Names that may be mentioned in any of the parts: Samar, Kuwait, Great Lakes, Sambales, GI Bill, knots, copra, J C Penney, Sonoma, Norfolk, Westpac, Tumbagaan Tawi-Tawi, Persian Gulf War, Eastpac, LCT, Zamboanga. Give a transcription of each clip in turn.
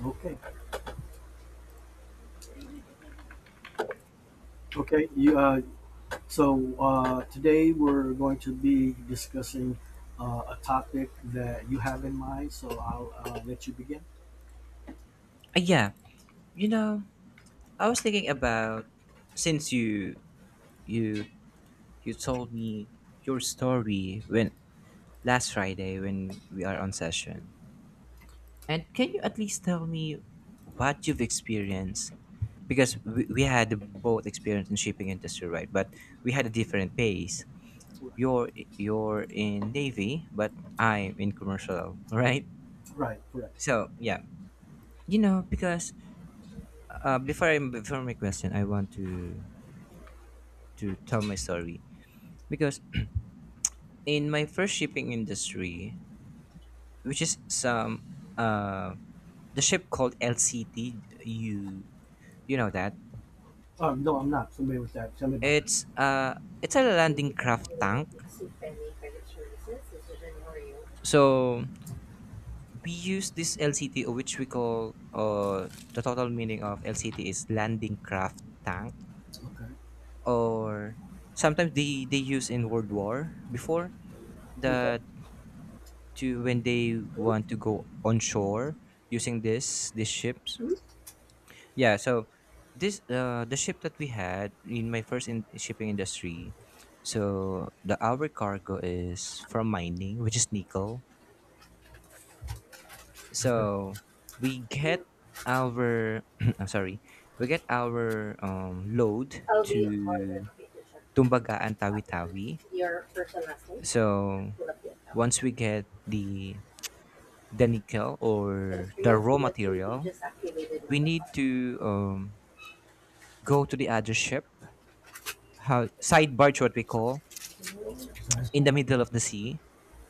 Okay, okay. You, so today we're going to be discussing a topic that you have in mind. So I'll let you begin. Uh, yeah, you know, I was thinking about since you you told me your story when last Friday when we are on session. And can you at least tell me what you've experienced? Because we had both experience in shipping industry, right? But we had a different pace. Right, You're you're in navy, but I'm in commercial, right? right, correct. So because before my question, I want to tell my story because in my first shipping industry, which is some uh, the ship called LCT, you know that No, I'm not familiar with that. Tell me about that. it's uh it's a landing craft tank. So we use this LCT, or which we call the total meaning of LCT is landing craft tank, Okay. or sometimes they use in World War before Okay. the to when they want to go on shore using this these ships. Yeah, so this the ship that we had in my first in shipping industry. So the our cargo is from mining, which is nickel. Okay. So we get our I'm sorry, we get our load I'll to be part of the application. Tumbagaan That one. Tawi-Tawi. Your first name. So Pull up the account. once we get the nickel And or I'm the you raw mentioned you material, just activated on we card. need to go to the other ship, how, side barge, what we call, in the middle of the sea.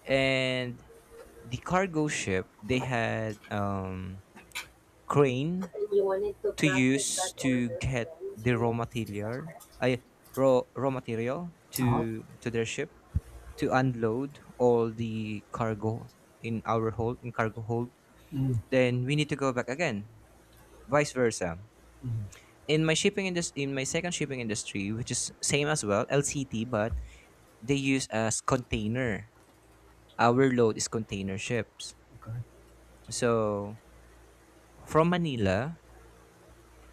And the cargo ship, they had crane You wanted to to process that use to order get again, Ms. the raw Reyes, is that material, correct? I raw material Uh-huh. to their ship to unload all the cargo in our hold in cargo hold. Mm, Then we need to go back again, vice versa. mm, In my shipping industry, in my second shipping industry, which is same as well, LCT, but they use as container, our load is container ships. okay, So from Manila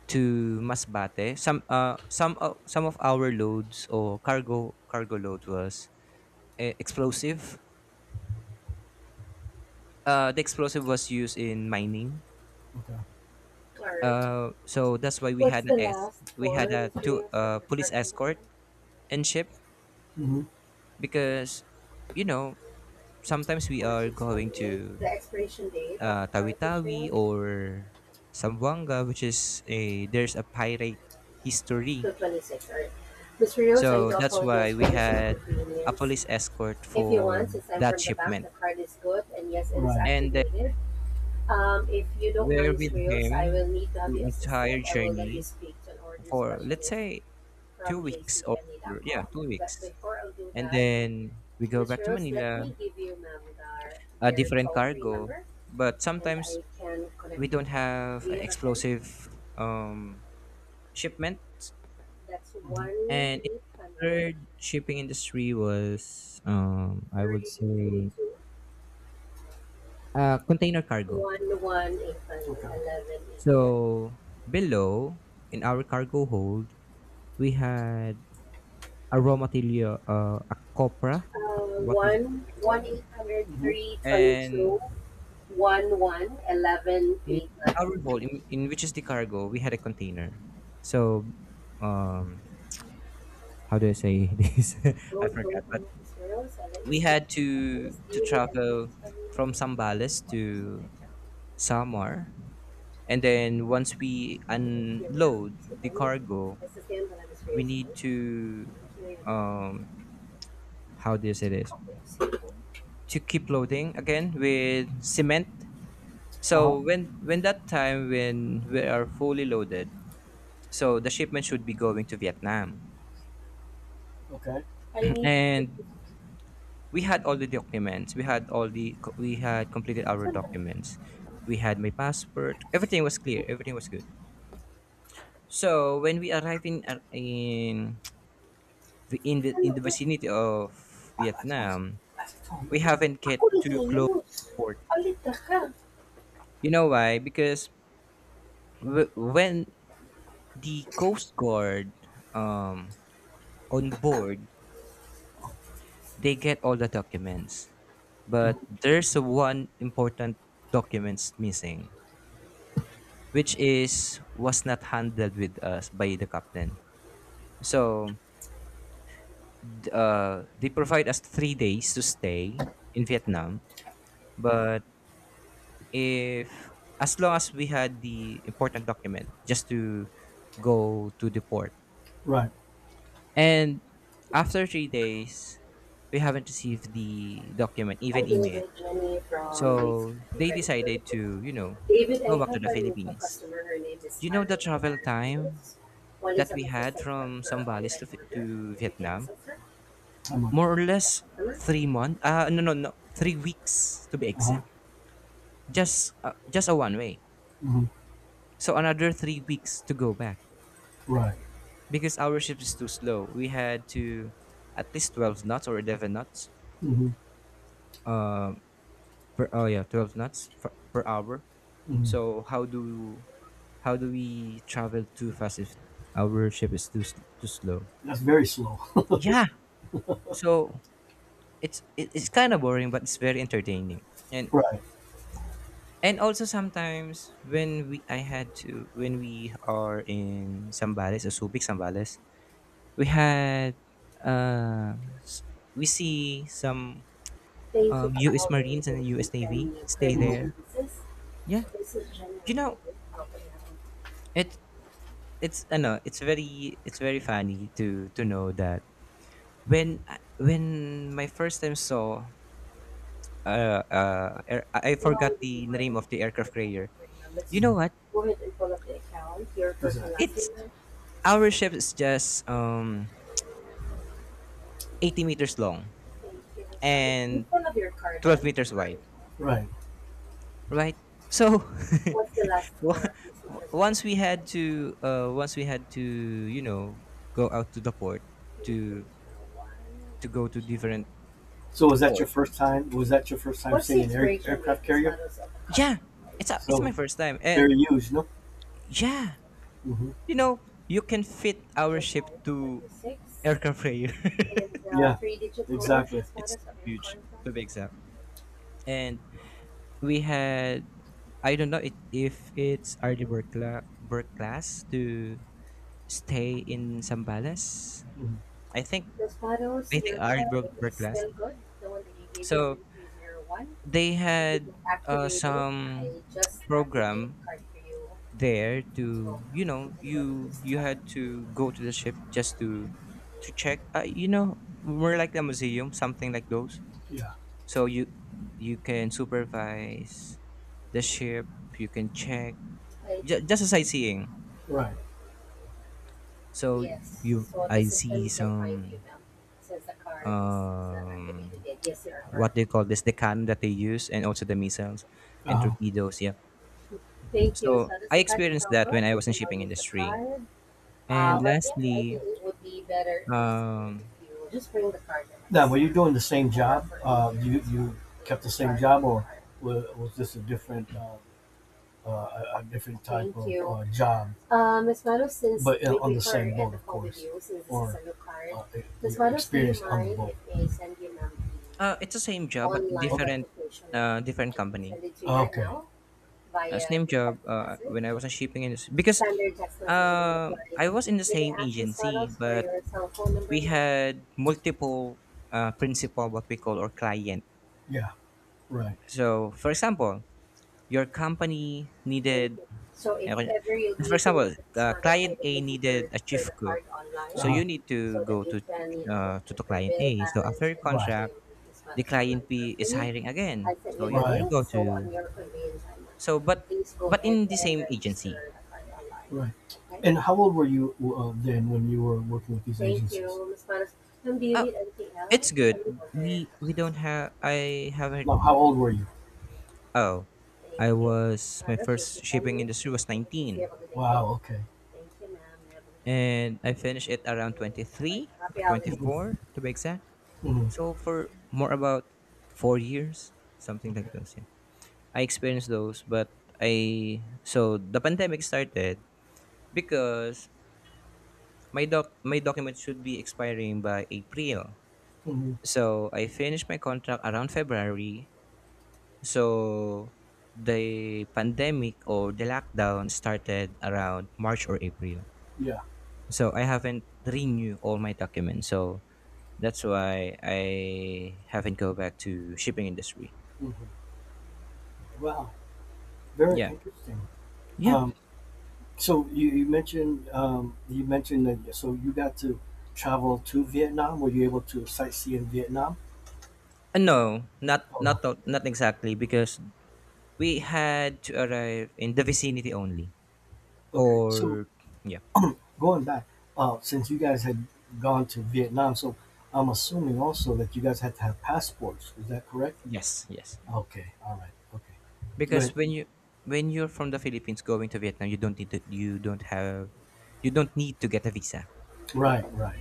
to Masbate, some of our loads or cargo load was explosive. The explosive was used in mining. okay. All right. So that's why we What's had the last we four, had a Ms. two Reyes, of your police card number? escort and ship Ma'am? because you know, sometimes Mm-hmm. we Four are six one going eight. to The expiration date of the card, Mister Tawi-Tawi Reyes? or Zamboanga, which is a there's a pirate history. 2/26, all right. Mister Reyes, I So do that's apologize why for we this had a inconvenience. police escort If you for want, since I'm that from the bank, the shipment, card is good, and yes, it is, right, is and then activated. If you don't we're mind, Ms. with Rios, I him will need to have the you assisted. entire I will let you journey speak to an order for, let's specialist say, two from J C weeks or Penney dot yeah com. two But weeks, before I do and that, then we go Ms. back to Rios, let Manila, me give you, ma'am, their, a their different toll free cargo, number, but and sometimes I can we connect your don't call. Do have you an have a pen? explosive shipment. That's 1 And in 800 third shipping industry was I would say 322 container cargo. 1189. So below in our cargo hold we had a raw material, a copra, what 1 we call. eight hundred three two And two 1 one one one in eight nine. our hold, in which is the cargo we had a container. So um how do I say this? I Lord forgot. But Gotham is Jerusalem we is had to Christopolis, to unit and travel from experiment and then Sambales washes away to town. Samar. And then once we unload the cargo, Essa sembra na we misfeza, need to um how do you say this? To keep loading again with cement. uh huh. So when that time when we are fully loaded, so the shipment should be going to Vietnam. Okay. I need And we had all the documents. We had completed our sandal. documents. We had my passport. Everything was clear. Everything was good. So when we arrived in in Sandal. the vicinity of Vietnam, we haven't get Ako too close nag-iayos. to port. Alit ka. You know why? Because when the Coast Guard um, on board, they get all the documents, but there's a one important documents missing, which is was not handled with us by the captain. So they provide us 3 days to stay in Vietnam, but if, as long as we had the important document, just to go to the port. Right. And after 3 days, we haven't received the document, I'll even deliver email. it to me from the So they city. decided to, you know, David, go I back to have the our NUFA Philippines. customer. Her name is You know the Marina travel time Rios. One is that an we had assistant for from her Sambales online to, order. to If you can Vietnam? assist her. I'm like, More or less sure, 3 months. No, no, no. 3 weeks to be uh huh, exact. Just a one way. hmm, So another 3 weeks to go back, right, because our ship is too slow. We had to at least 12 knots or 11 knots hmm, per, 12 knots per, per hour. hmm. So how do we travel too fast if our ship is too slow? That's very slow. Yeah. So it's kind of boring but it's very entertaining. And Right. and also sometimes when we I had to when we are in Sambales, Subic Sambales, we had uh s- we see some Thank you for U.S. all the Marines and the agency U.S. and Navy your stay credit, mm-hmm, there. services. Yeah, This is you January. know Probably have it. It's, I know it's very, it's very funny to know that when my first time saw I I be forgot the more name of the aircraft than happy, carrier. right. Let's, You know mhm, what? go ahead and pull up the account. Your, yes, last It's name. Our ship is just 80 meters long Thank you. Ms. Marina. You and pull up your card, 12 ma'am. meters wide, Right. right? So What's the last wa- four? It's not as once we had to you know, go out to the port to one. to go to different So was that your port. first time? Was that your first time seeing an air, aircraft carrier? Yeah, it's, a, it's So my first time. And very huge, no? yeah Hmm. you know, you can fit our ship July to aircraft carrier. and the, yeah, three digit code exactly, It's status of your huge, card from. to be exact. And we had, I don't know it, if it's early bird, bird class to stay in Sambales. Mhm. I think, The status I think your art card is broke class. still good, the one that you gave you So 3301. they You did had not activate it. some I just activated program the card for you there to go to, now. you You know, can run you this you card. had to go to the ship just to check you know, more like a museum, something like those. Yeah. So you can supervise the ship, you can check, Like, just a sightseeing. right, So yes, you, so the I see system can find some you now since the card is not um activated yet. Yes, you are what correct. they call this, the cannon that they use, and also the missiles and Uh-huh. torpedoes. Yeah. Thank you. So So this I card is experienced now that good. when I You was in can now shipping use the industry. card. Yeah. And But yeah, I lastly, think it would be better and easier um, if you just bring the card in. Now, were you doing the same job? You kept the same job, or was this a different? Uh, a, different type, thank of job. Ms. Mano, since but in- we on the prefer same to boat, of the call with course. Since this Or, is card. Ms. your Mano, do you experience on the boat. It's the same job but Online, okay, different, registration link? I different can company. send it to you, okay, right now via Same the job text when message, I was in shipping industry because standard text messaging apply. I was in the May same I ask Ms. agency, Manos for but your cell phone number we now? had multiple principal, what we call, or client. Yeah, right. So, for example, your company Thank needed. you. So if Okay. ever you'll be For using example, the business, I client would A look you needed a for chief the cook, card online, so uh-huh, you need to so that go you can, you know, to check the your client bill A. So after balance your and, right, pay contract, your the business online client for B is free. hiring I again. sent you So the, you, right, you link, go so to. on your convenience, I would So please go but ahead in the and same agency. register the card online. Right. Okay. And how old were you then when you were working with these, thank, agencies? You, Ms. Manos. Ma'am, do you Oh, need anything else? it's good. Any other We questions? don't have. I haven't. No, how old were you? Oh, Thank I you. was, my Sipariş first shipping isipaniyo, industry was isipaniyo, 19, wow, okay. Thank you, ma'am. Everyone. and I finished it around Thank twenty you. Bye. three Happy or twenty holidays. four to be exact. Mhm. So for more about 4 years, something Okay. like those. Yeah, I experienced those, but I so the pandemic started because my document should be expiring by April. Mhm. So I finished my contract around February. So the pandemic or the lockdown started around March or April. Yeah. So I haven't renewed all my documents. So that's why I haven't go back to shipping industry. Mhm. Wow. Very Yeah. interesting. Yeah. Um, you mentioned you mentioned that so you got to travel to Vietnam. Were you able to sightsee in Vietnam? No, Oh, not exactly because we had to arrive in the vicinity only. okay. So Or yeah. going back, since you guys had gone to Vietnam, so I'm assuming also that you guys had to have passports. Is that correct? Yes, yes. Okay. All right. Okay. Go ahead. Because when you're from the Philippines going to Vietnam, you don't have, you don't need to get a visa. Right. Right.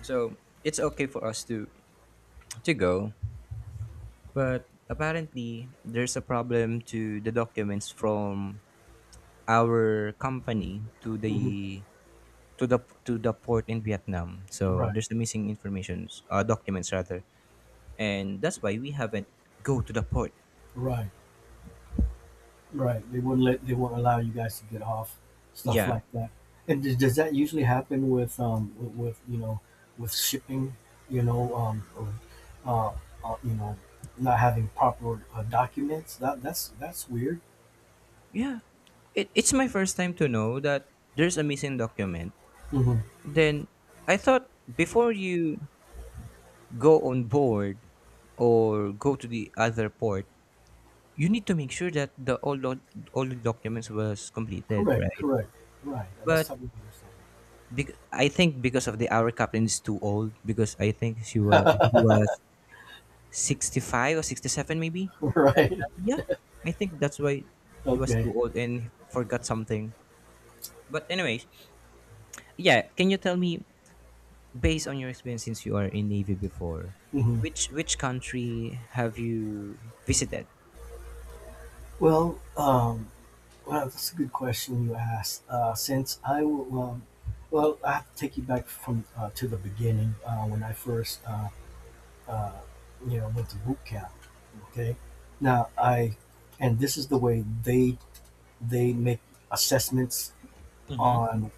So, it's okay for us to go, but apparently there's a problem to the documents from our company to Hmm. the to the to the port in Vietnam. So Right. there's the missing informations, documents rather, and that's why we haven't go to the port. Right. Right. They wouldn't let. They won't allow you guys to get off. Stuff Yeah, like that. And does that usually happen with with, you know, with shipping, you know, uh, you know, not having proper documents that that's weird. yeah. It's my first time to know that there's a missing document. Hmm. Then I thought before you go on board or go to the other port, you need to make sure that all the documents was completed, Correct. right? Correct. Right. That's But something to I think because of the our captain is too old because I think she was he was 65 or 67 maybe. understand. that, Right. that- yeah I think that's why he was too Okay. old and he forgot something. But anyways, yeah, can you tell me, based on your experience, since you are in navy before, Hmm. Which country have you visited? Well. Well, that's a good question you asked. Since I will, well, I have to take you back from to the beginning when I first, uh, you know, went to boot camp. Okay, now I, and this is the way they make assessments Mm-hmm. on,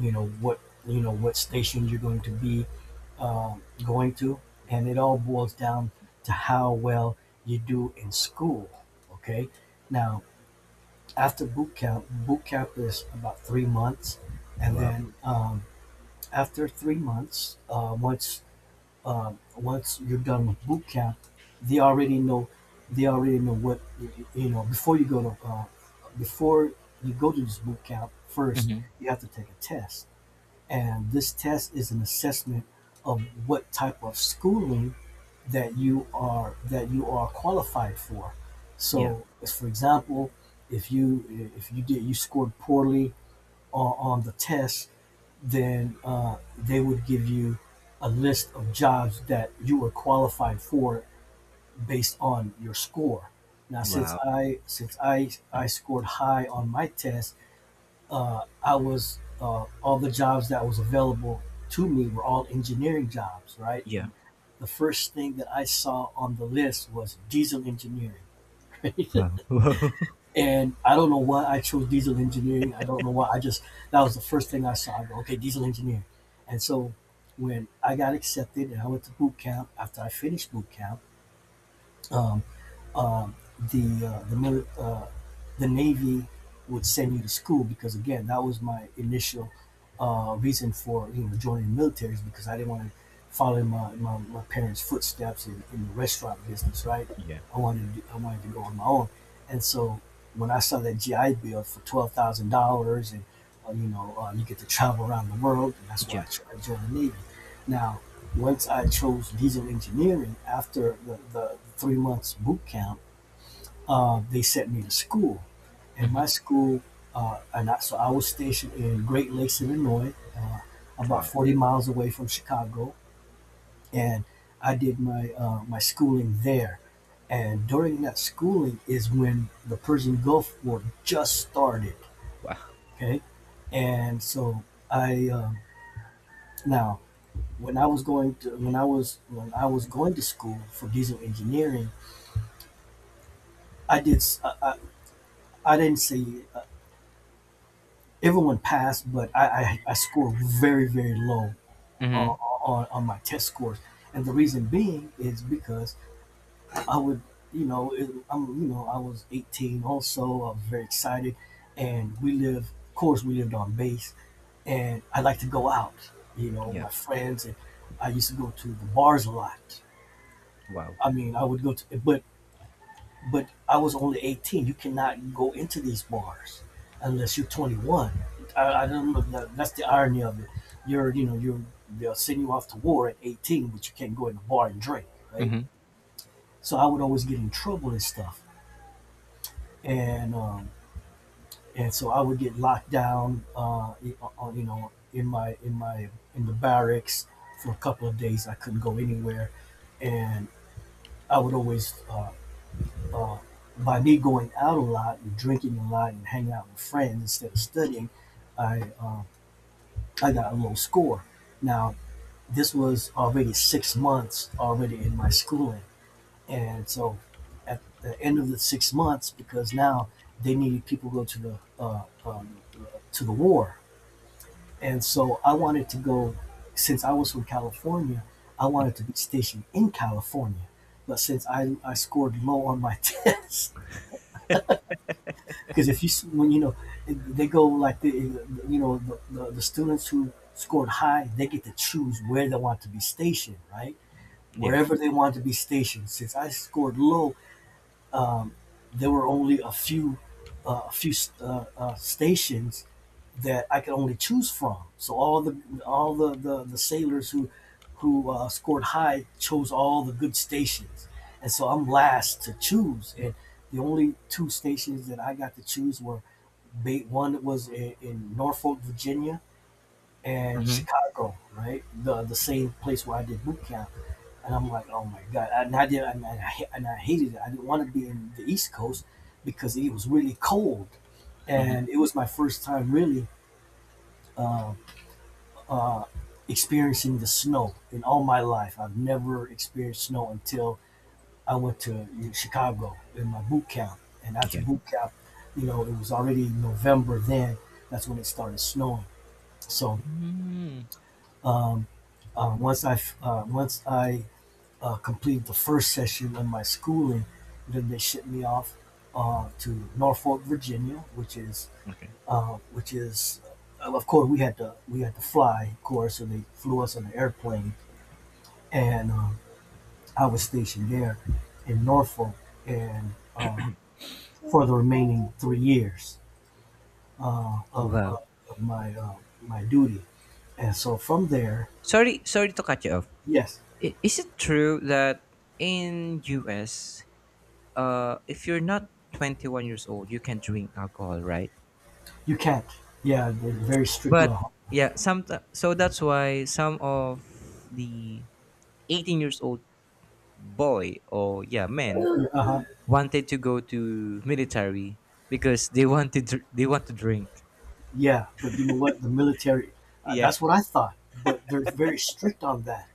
you know, what, you know, what station you're going to be going to, and it all boils down to how well you do in school. Okay, now after boot camp is about 3 months, and Wow. then after 3 months, once once you're done with boot camp, they already know they already know what you know before you go to before you go to this boot camp. First, mm-hmm. you have to take a test, and this test is an assessment of what type of schooling that you are qualified for. Yeah. So, for example, if you did you scored poorly on the test, then they would give you a list of jobs that you were qualified for based on your score. Now, since Wow. I since I I scored high on my test, I was all the jobs that was available to me were all engineering jobs, right? Yeah. And the first thing that I saw on the list was diesel engineering, Wow. Wow. and I don't know why I chose diesel engineering. I don't know why. I just that was the first thing I saw. I go, okay, diesel engineering, and so when I got accepted and I went to boot camp after I finished boot camp. Um, um, the the Navy would send you to school because again that was my initial reason for, you know, joining the military is because I didn't want to follow my parents' footsteps in the restaurant business, right. Yeah. I wanted to do, I wanted to go on my own, and so when I saw that GI Bill for $12,000 and, you know, you get to travel around the world, and that's why Yeah. I joined the Navy. Now, once I chose diesel engineering after the 3 months boot camp, they sent me to school. And my school, so I was stationed in Great Lakes, Illinois, about Wow. 40 miles away from Chicago. And I did my, my schooling there. And during that schooling is when the Persian Gulf War just started. Wow. Okay. And so I, um now when I was going to when I was going to school for diesel engineering, I did I I I, I- I didn't say, uh, everyone passed, but I scored very very low uh, mm-hmm. On my test scores, and the reason being is because I would, you know it, I'm, you know, I was 18, also I was very excited, and we live, of course we lived on base, and I like to go out, you know, Yeah. my friends, and I used to go to the bars a lot. Wow. I mean I would go to, but I was only 18. You cannot go into these bars unless you're 21. I don't know. That's the irony of it. You know, you're they'll send you off to war at 18, but you can't go in the bar and drink, right? mm-hmm. So I would always get in trouble and stuff, and um, and so I would get locked down, you know, in my in the barracks for a couple of days. I couldn't go anywhere, and I would always. Uh, by me going out a lot and drinking a lot and hanging out with friends instead of studying, I uh, I got a low score. Now this was already 6 months already in my schooling, and so at the end of the 6 months, because now they needed people to go to the war, and so I wanted to go since I was from California. I wanted to be stationed in California, but since I scored low on my test. Because if you when you know they go like the you know the students who scored high, they get to choose where they want to be stationed, right? Yeah. Wherever they want to be stationed. Since I scored low, there were only a few stations that I could only choose from. So all the sailors who scored high chose all the good stations, and so I'm last to choose. And the only two stations that I got to choose were one was in Norfolk, Virginia, and mm-hmm. Chicago, right? The same place where I did boot camp. And I'm like, oh my god! And I did, and I hated it. I didn't want to be in the East Coast because it was really cold, and it was my first time really experiencing the snow in all my life. I've never experienced snow until I went to, you know, Chicago in my boot camp, and after Yeah. boot camp, you know, it was already November then. That's when it started snowing. So um, once once I completed the first session of my schooling. And then they shipped me off to Norfolk, Virginia, which is Okay. uh, which is of course we had to fly, of course, so they flew us on an airplane. And I was stationed there in Norfolk, and for the remaining 3 years uh, of, of, Wow. of my my duty, and so from there, Sorry, sorry to cut you off. yes, Is it true that in US, if you're not 21 years old, you can drink alcohol, right? you can't. Yeah, they're very strict But law. yeah, some, so that's why some of the 18 years old boy or, yeah, men Uh huh. wanted to go to military because they wanted to, they want to drink. Yeah, but you know what? The military, Yeah. that's what I thought, but they're very strict on that.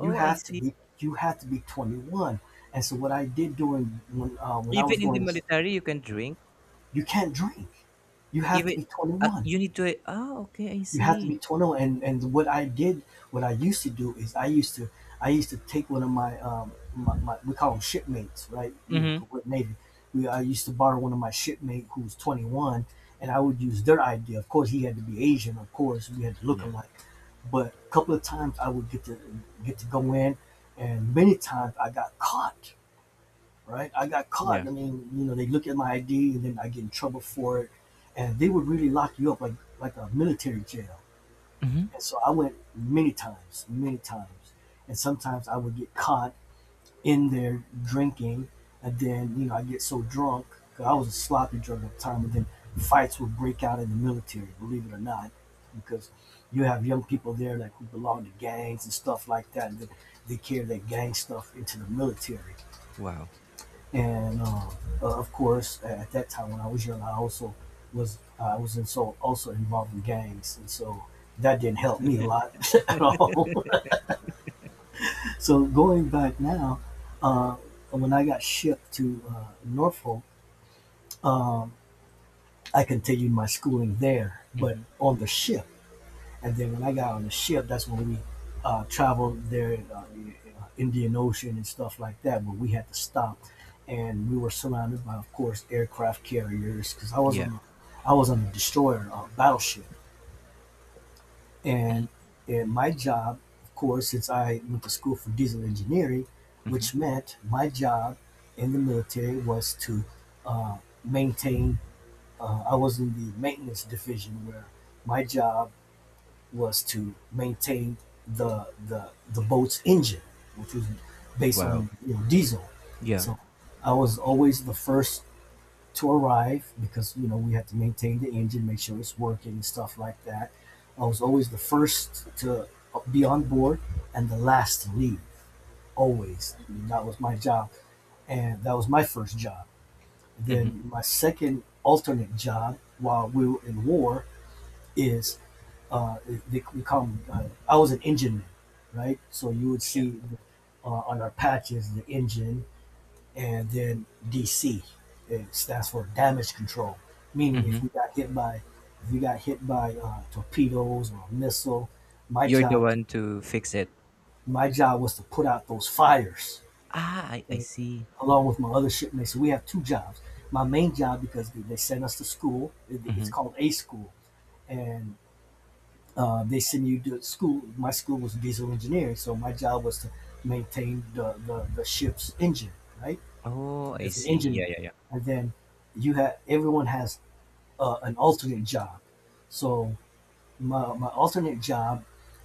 You I have to see. be, you have to be 21. And so what I did during when I was Even in the going, military, you can drink. you can't drink. You have to Even be 21, you need to. Ah, okay, I you have to be see. tonal. And what I did, what I used to do is I used to take one of my my we call them shipmates, right? You know, Mm-hmm. 'cause we're navy. We I used to borrow one of my shipmate who's 21, and I would use their idea. Of course he had to be Asian, of course we had to look Yeah. alike, but a couple of times I would get to go in, and many times I got caught. Right, I got caught. Yeah. I mean, you know, they look at my ID and then I get in trouble for it, and they would really lock you up like a military jail. Mm-hmm. And so I went many times, many times. And sometimes I would get caught in there drinking. And then, you know, I get so drunk because I was a sloppy drunk at the time. And then fights would break out in the military, believe it or not, because you have young people there like who belong to gangs and stuff like that. And they carry that gang stuff into the military. Wow. And Of course at that time when I was young I also was in, so also involved in gangs, and so that didn't help me a lot at all. So going back now, uh, when I got shipped to Norfolk, um, I continued my schooling there but Mhm. on the ship. And then when I got on the ship, that's when we traveled there, the Indian Ocean and stuff like that. But we had to stop, and we were surrounded by, of course, aircraft carriers because I was Yeah. on, a, I was on a destroyer, a battleship. And and my job, of course, since I went to school for diesel engineering, which meant my job in the military was to uh, maintain. I was in the maintenance division where my job was to maintain the boat's engine, which was based Wow. on, you know, diesel. Yeah. So I was always the first to arrive because, you know, we had to maintain the engine, make sure it's working and stuff like that. I was always the first to be on board and the last to leave. Always, I mean, that was my job, and that was my first job. Mm-hmm. Then my second alternate job while we were in war is, uh, we call them, I was an engine man, right? So you would Yeah. see on our patches the engine and then DC. It stands for damage control, meaning if Mm-hmm. we got hit by, if we got hit by torpedoes or a missile, my You're the job one to fix it. my job was to put out those fires. Ah, I Okay? see. Along with my other shipmates. So we have two jobs. My main job, because they sent us to school. It's Mm-hmm. called A school, and they send you to school. My school was diesel engineering, so my job was to maintain the ship's engine, right? Oh, I As an see. engineer. Yeah, yeah, yeah. And then You have, everyone has an alternate job. So my alternate job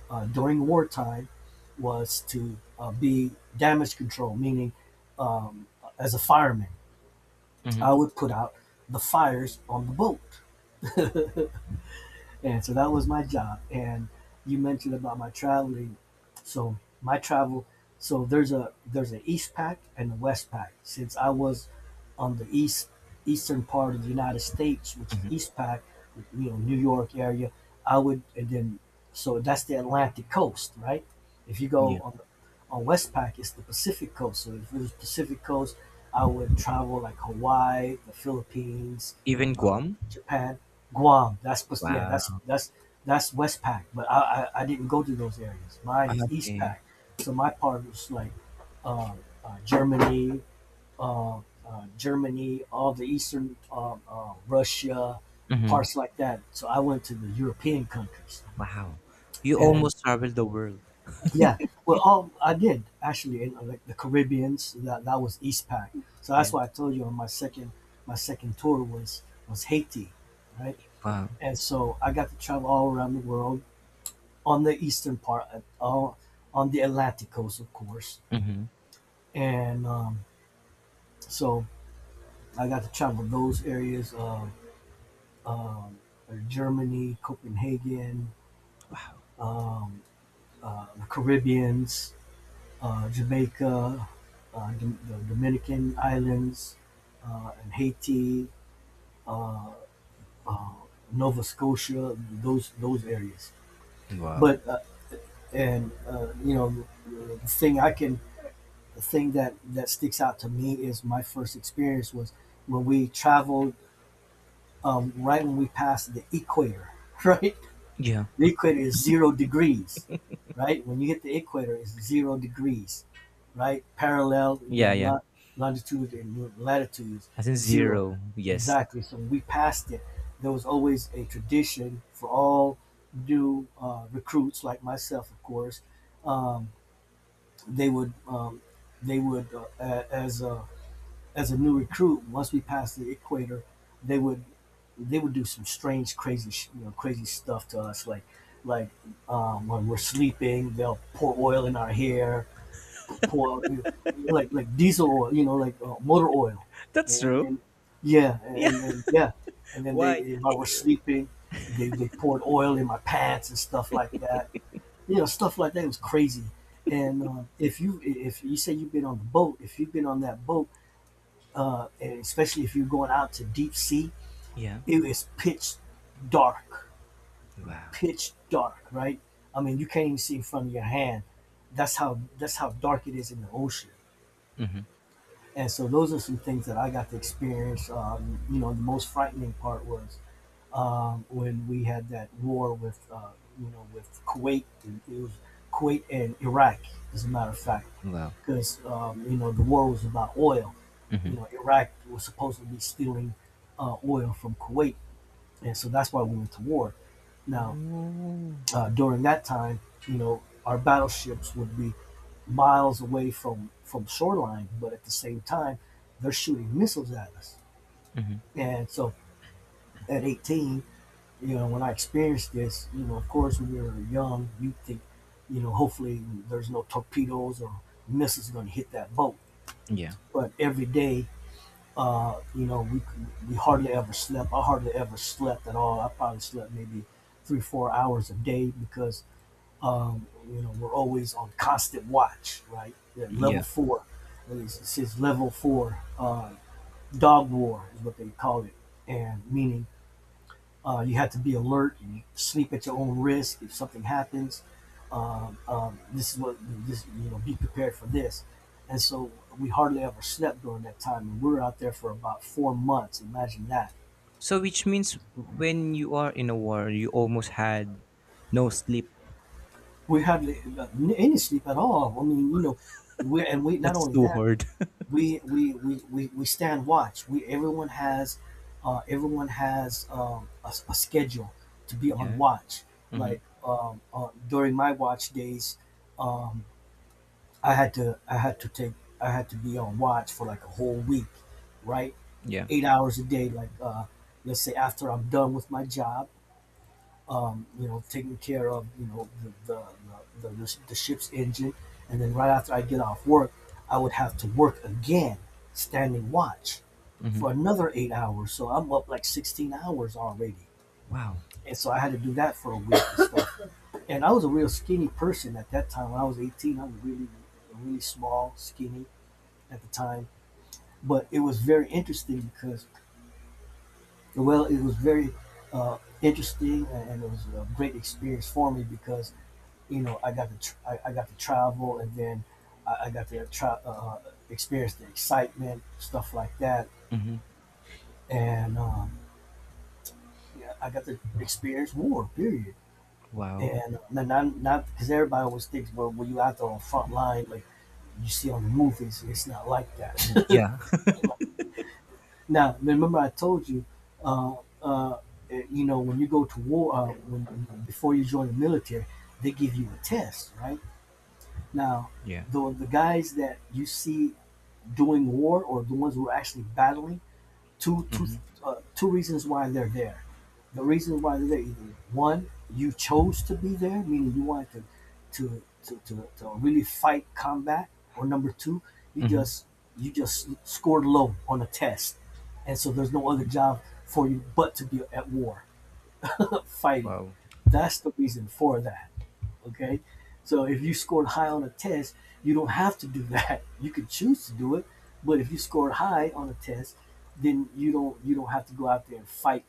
during wartime was to be damage control, meaning um, as a fireman, Mm-hmm. I would put out the fires on the boat. And so that was my job. And you mentioned about my traveling. So my travel, so there's an East Pack and a West Pack. Since I was on the east, eastern part of the United States, which is Mm-hmm. East Pack, you know, New York area, I would. And then, so that's the Atlantic coast, right? If you Yeah. go Yeah. on the, on West Pack, it's the Pacific coast. So if it was Pacific coast, I would travel like Hawaii, the Philippines, Even Guam? Japan, Guam. That's supposed to- yeah. That's Wow. that's that's Westpac. I didn't go to those areas. Mine Ah, is Okay. Eastpac. So my part was like uh, uh, Germany, Germany, all the Eastern Russia, Mm-hmm. parts like that. So I went to the European countries Wow. You and almost traveled the world. yeah. Well, all, I did actually in like the Caribbeans. That was Eastpac. So that's Yeah. why I told you on my second tour was Haiti, right? Wow. And so I got to travel all around the world on the eastern part, all on the Atlantic coast, of course. Mm-hmm. And so I got to travel those areas of um, Germany, Copenhagen, um, the Caribbeans, Jamaica, the Dominican Islands, and Haiti, uh, uh, Nova Scotia, those areas. Wow. But and You know, the thing I can the thing that sticks out to me is my first experience was when we traveled, right when we passed the equator. Right, Yeah. the equator is 0 degrees. Right when you hit the equator, it's 0 degrees, right? Parallel, Yeah, then yeah. Longitude and latitudes, As in zero, zero. Yes. exactly. So when we passed it, there was always a tradition for all new recruits like myself, of course. um, they would um, they would as a, as a new recruit, once we passed the equator, they would, they would do some strange, crazy, you know, crazy stuff to us. Like, when we're sleeping, they'll pour oil in our hair, pour you like diesel oil, you know, like motor oil, That's and true. then yeah, Yeah. and then yeah, and then they, Why? while we're Eh, sleeping, they poured oil in my pants and stuff like that. You know, stuff like that. It was crazy. And If you, say you've been on the boat, if you've been on that boat, and especially if you're going out to deep sea, yeah. it is dark, Wow. pitch dark, right? I mean, you can't even see in front of your hand. That's how dark it is in the ocean. Mm-hmm. And so those are some things that I got to experience. You know, the most frightening part was, when we had that war with, you know, with Kuwait. And it was Kuwait and Iraq, as a matter of fact, Wow. because, you know, the war was about oil. You Mm-hmm. know, Iraq was supposed to be stealing oil from Kuwait, and so that's why we went to war. Now, Oh. During that time, you know, our battleships would be miles away from, shoreline, but at the same time, they're shooting missiles at us. Mm-hmm. And so, at 18, you know, when I experienced this, you know, of course, when you're young, you think, you know, hopefully there's no torpedoes or missiles going to hit that boat. Yeah. But every day, you know, we hardly ever slept. I hardly ever slept at all. I probably slept maybe three, 4 hours a day because, you know, we're always on constant watch, right? Yeah, level Yeah. four. It says level four, dog war is what they call it, and meaning you have to be alert. You sleep at your own risk. If something happens, this is what this. Be prepared for this. And so we hardly ever slept during that time, and we were out there for about 4 months. Imagine that. So which means when you are in a war, you almost had no sleep. We hardly any sleep at all. I mean, you know, we not That's only too that hard. We stand watch. We everyone has a, a schedule to be on Yeah. watch. Mm-hmm. Like during my watch days. um, I had to take I had to be on watch for like a whole week, right? Yeah. 8 hours a day, like let's say after I'm done with my job, you know, taking care of you know, the ship's engine, and then right after I get off work, I would have to work again, standing watch, Mm-hmm. for another 8 hours. So I'm up like 16 hours already, Wow. and so I had to do that for a week and stuff. And I was a real skinny person at that time. When I was 18, I was really really small, skinny at the time, but it was very interesting because, well, it was very interesting and it was a great experience for me because you know I got to travel and then I got to try, experience the excitement, stuff like that, Mm-hmm. and yeah, I got to experience war. Period. Wow. And not because everybody always thinks, well, when you out there on front line, like you see on the movies, it's not like that. Yeah. Now, remember, I told you, uh, uh, you know, when you go to war, when before you join the military, they give you a test, right? Now, Yeah. the guys that you see doing war or the ones who are actually battling two two Mm-hmm. Two reasons why they're there. The reason why they're there, either one, you chose to be there, meaning you wanted to to really fight combat, or number two, you Mm-hmm. just scored low on a test, and so there's no other job for you but to be at war, fighting. Wow. That's the reason for that. Okay. So if you scored high on a test, you don't have to do that. You could choose to do it, but if you scored high on a test, then you don't have to go out there and fight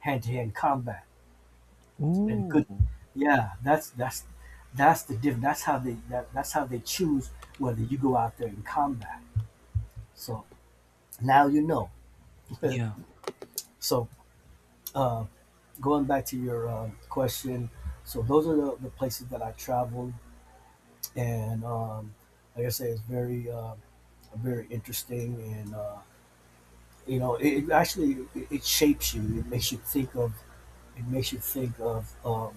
hand to hand combat. And it Ooh. could, yeah, that's the diff. That's how they choose whether you go out there in combat. So now you know. Yeah. So uh, going back to your question, so those are the places that I traveled, and like I say, it's very very interesting and you know it actually it shapes you, it makes you think of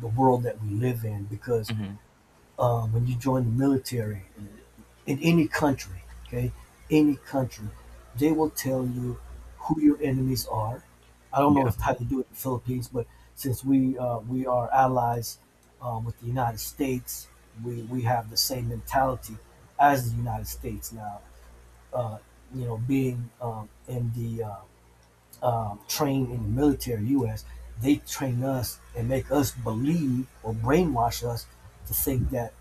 the world that we live in because Mm-hmm. When you join the military in any country, okay, any country, they will tell you who your enemies are. I don't know Yeah. if how they do it in the Philippines, but since we are allies with the United States, we have the same mentality as the United States. Now, uh, you know, being in the trained in the military, U.S., they train us and make us believe or brainwash us to think that,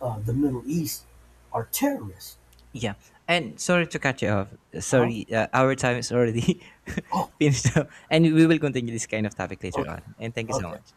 the Middle East are terrorists. Yeah. And sorry to cut you off. Huh? Sorry, our time is already Oh, finished up, and we will continue this kind of topic later okay, on. And thank you so okay. much.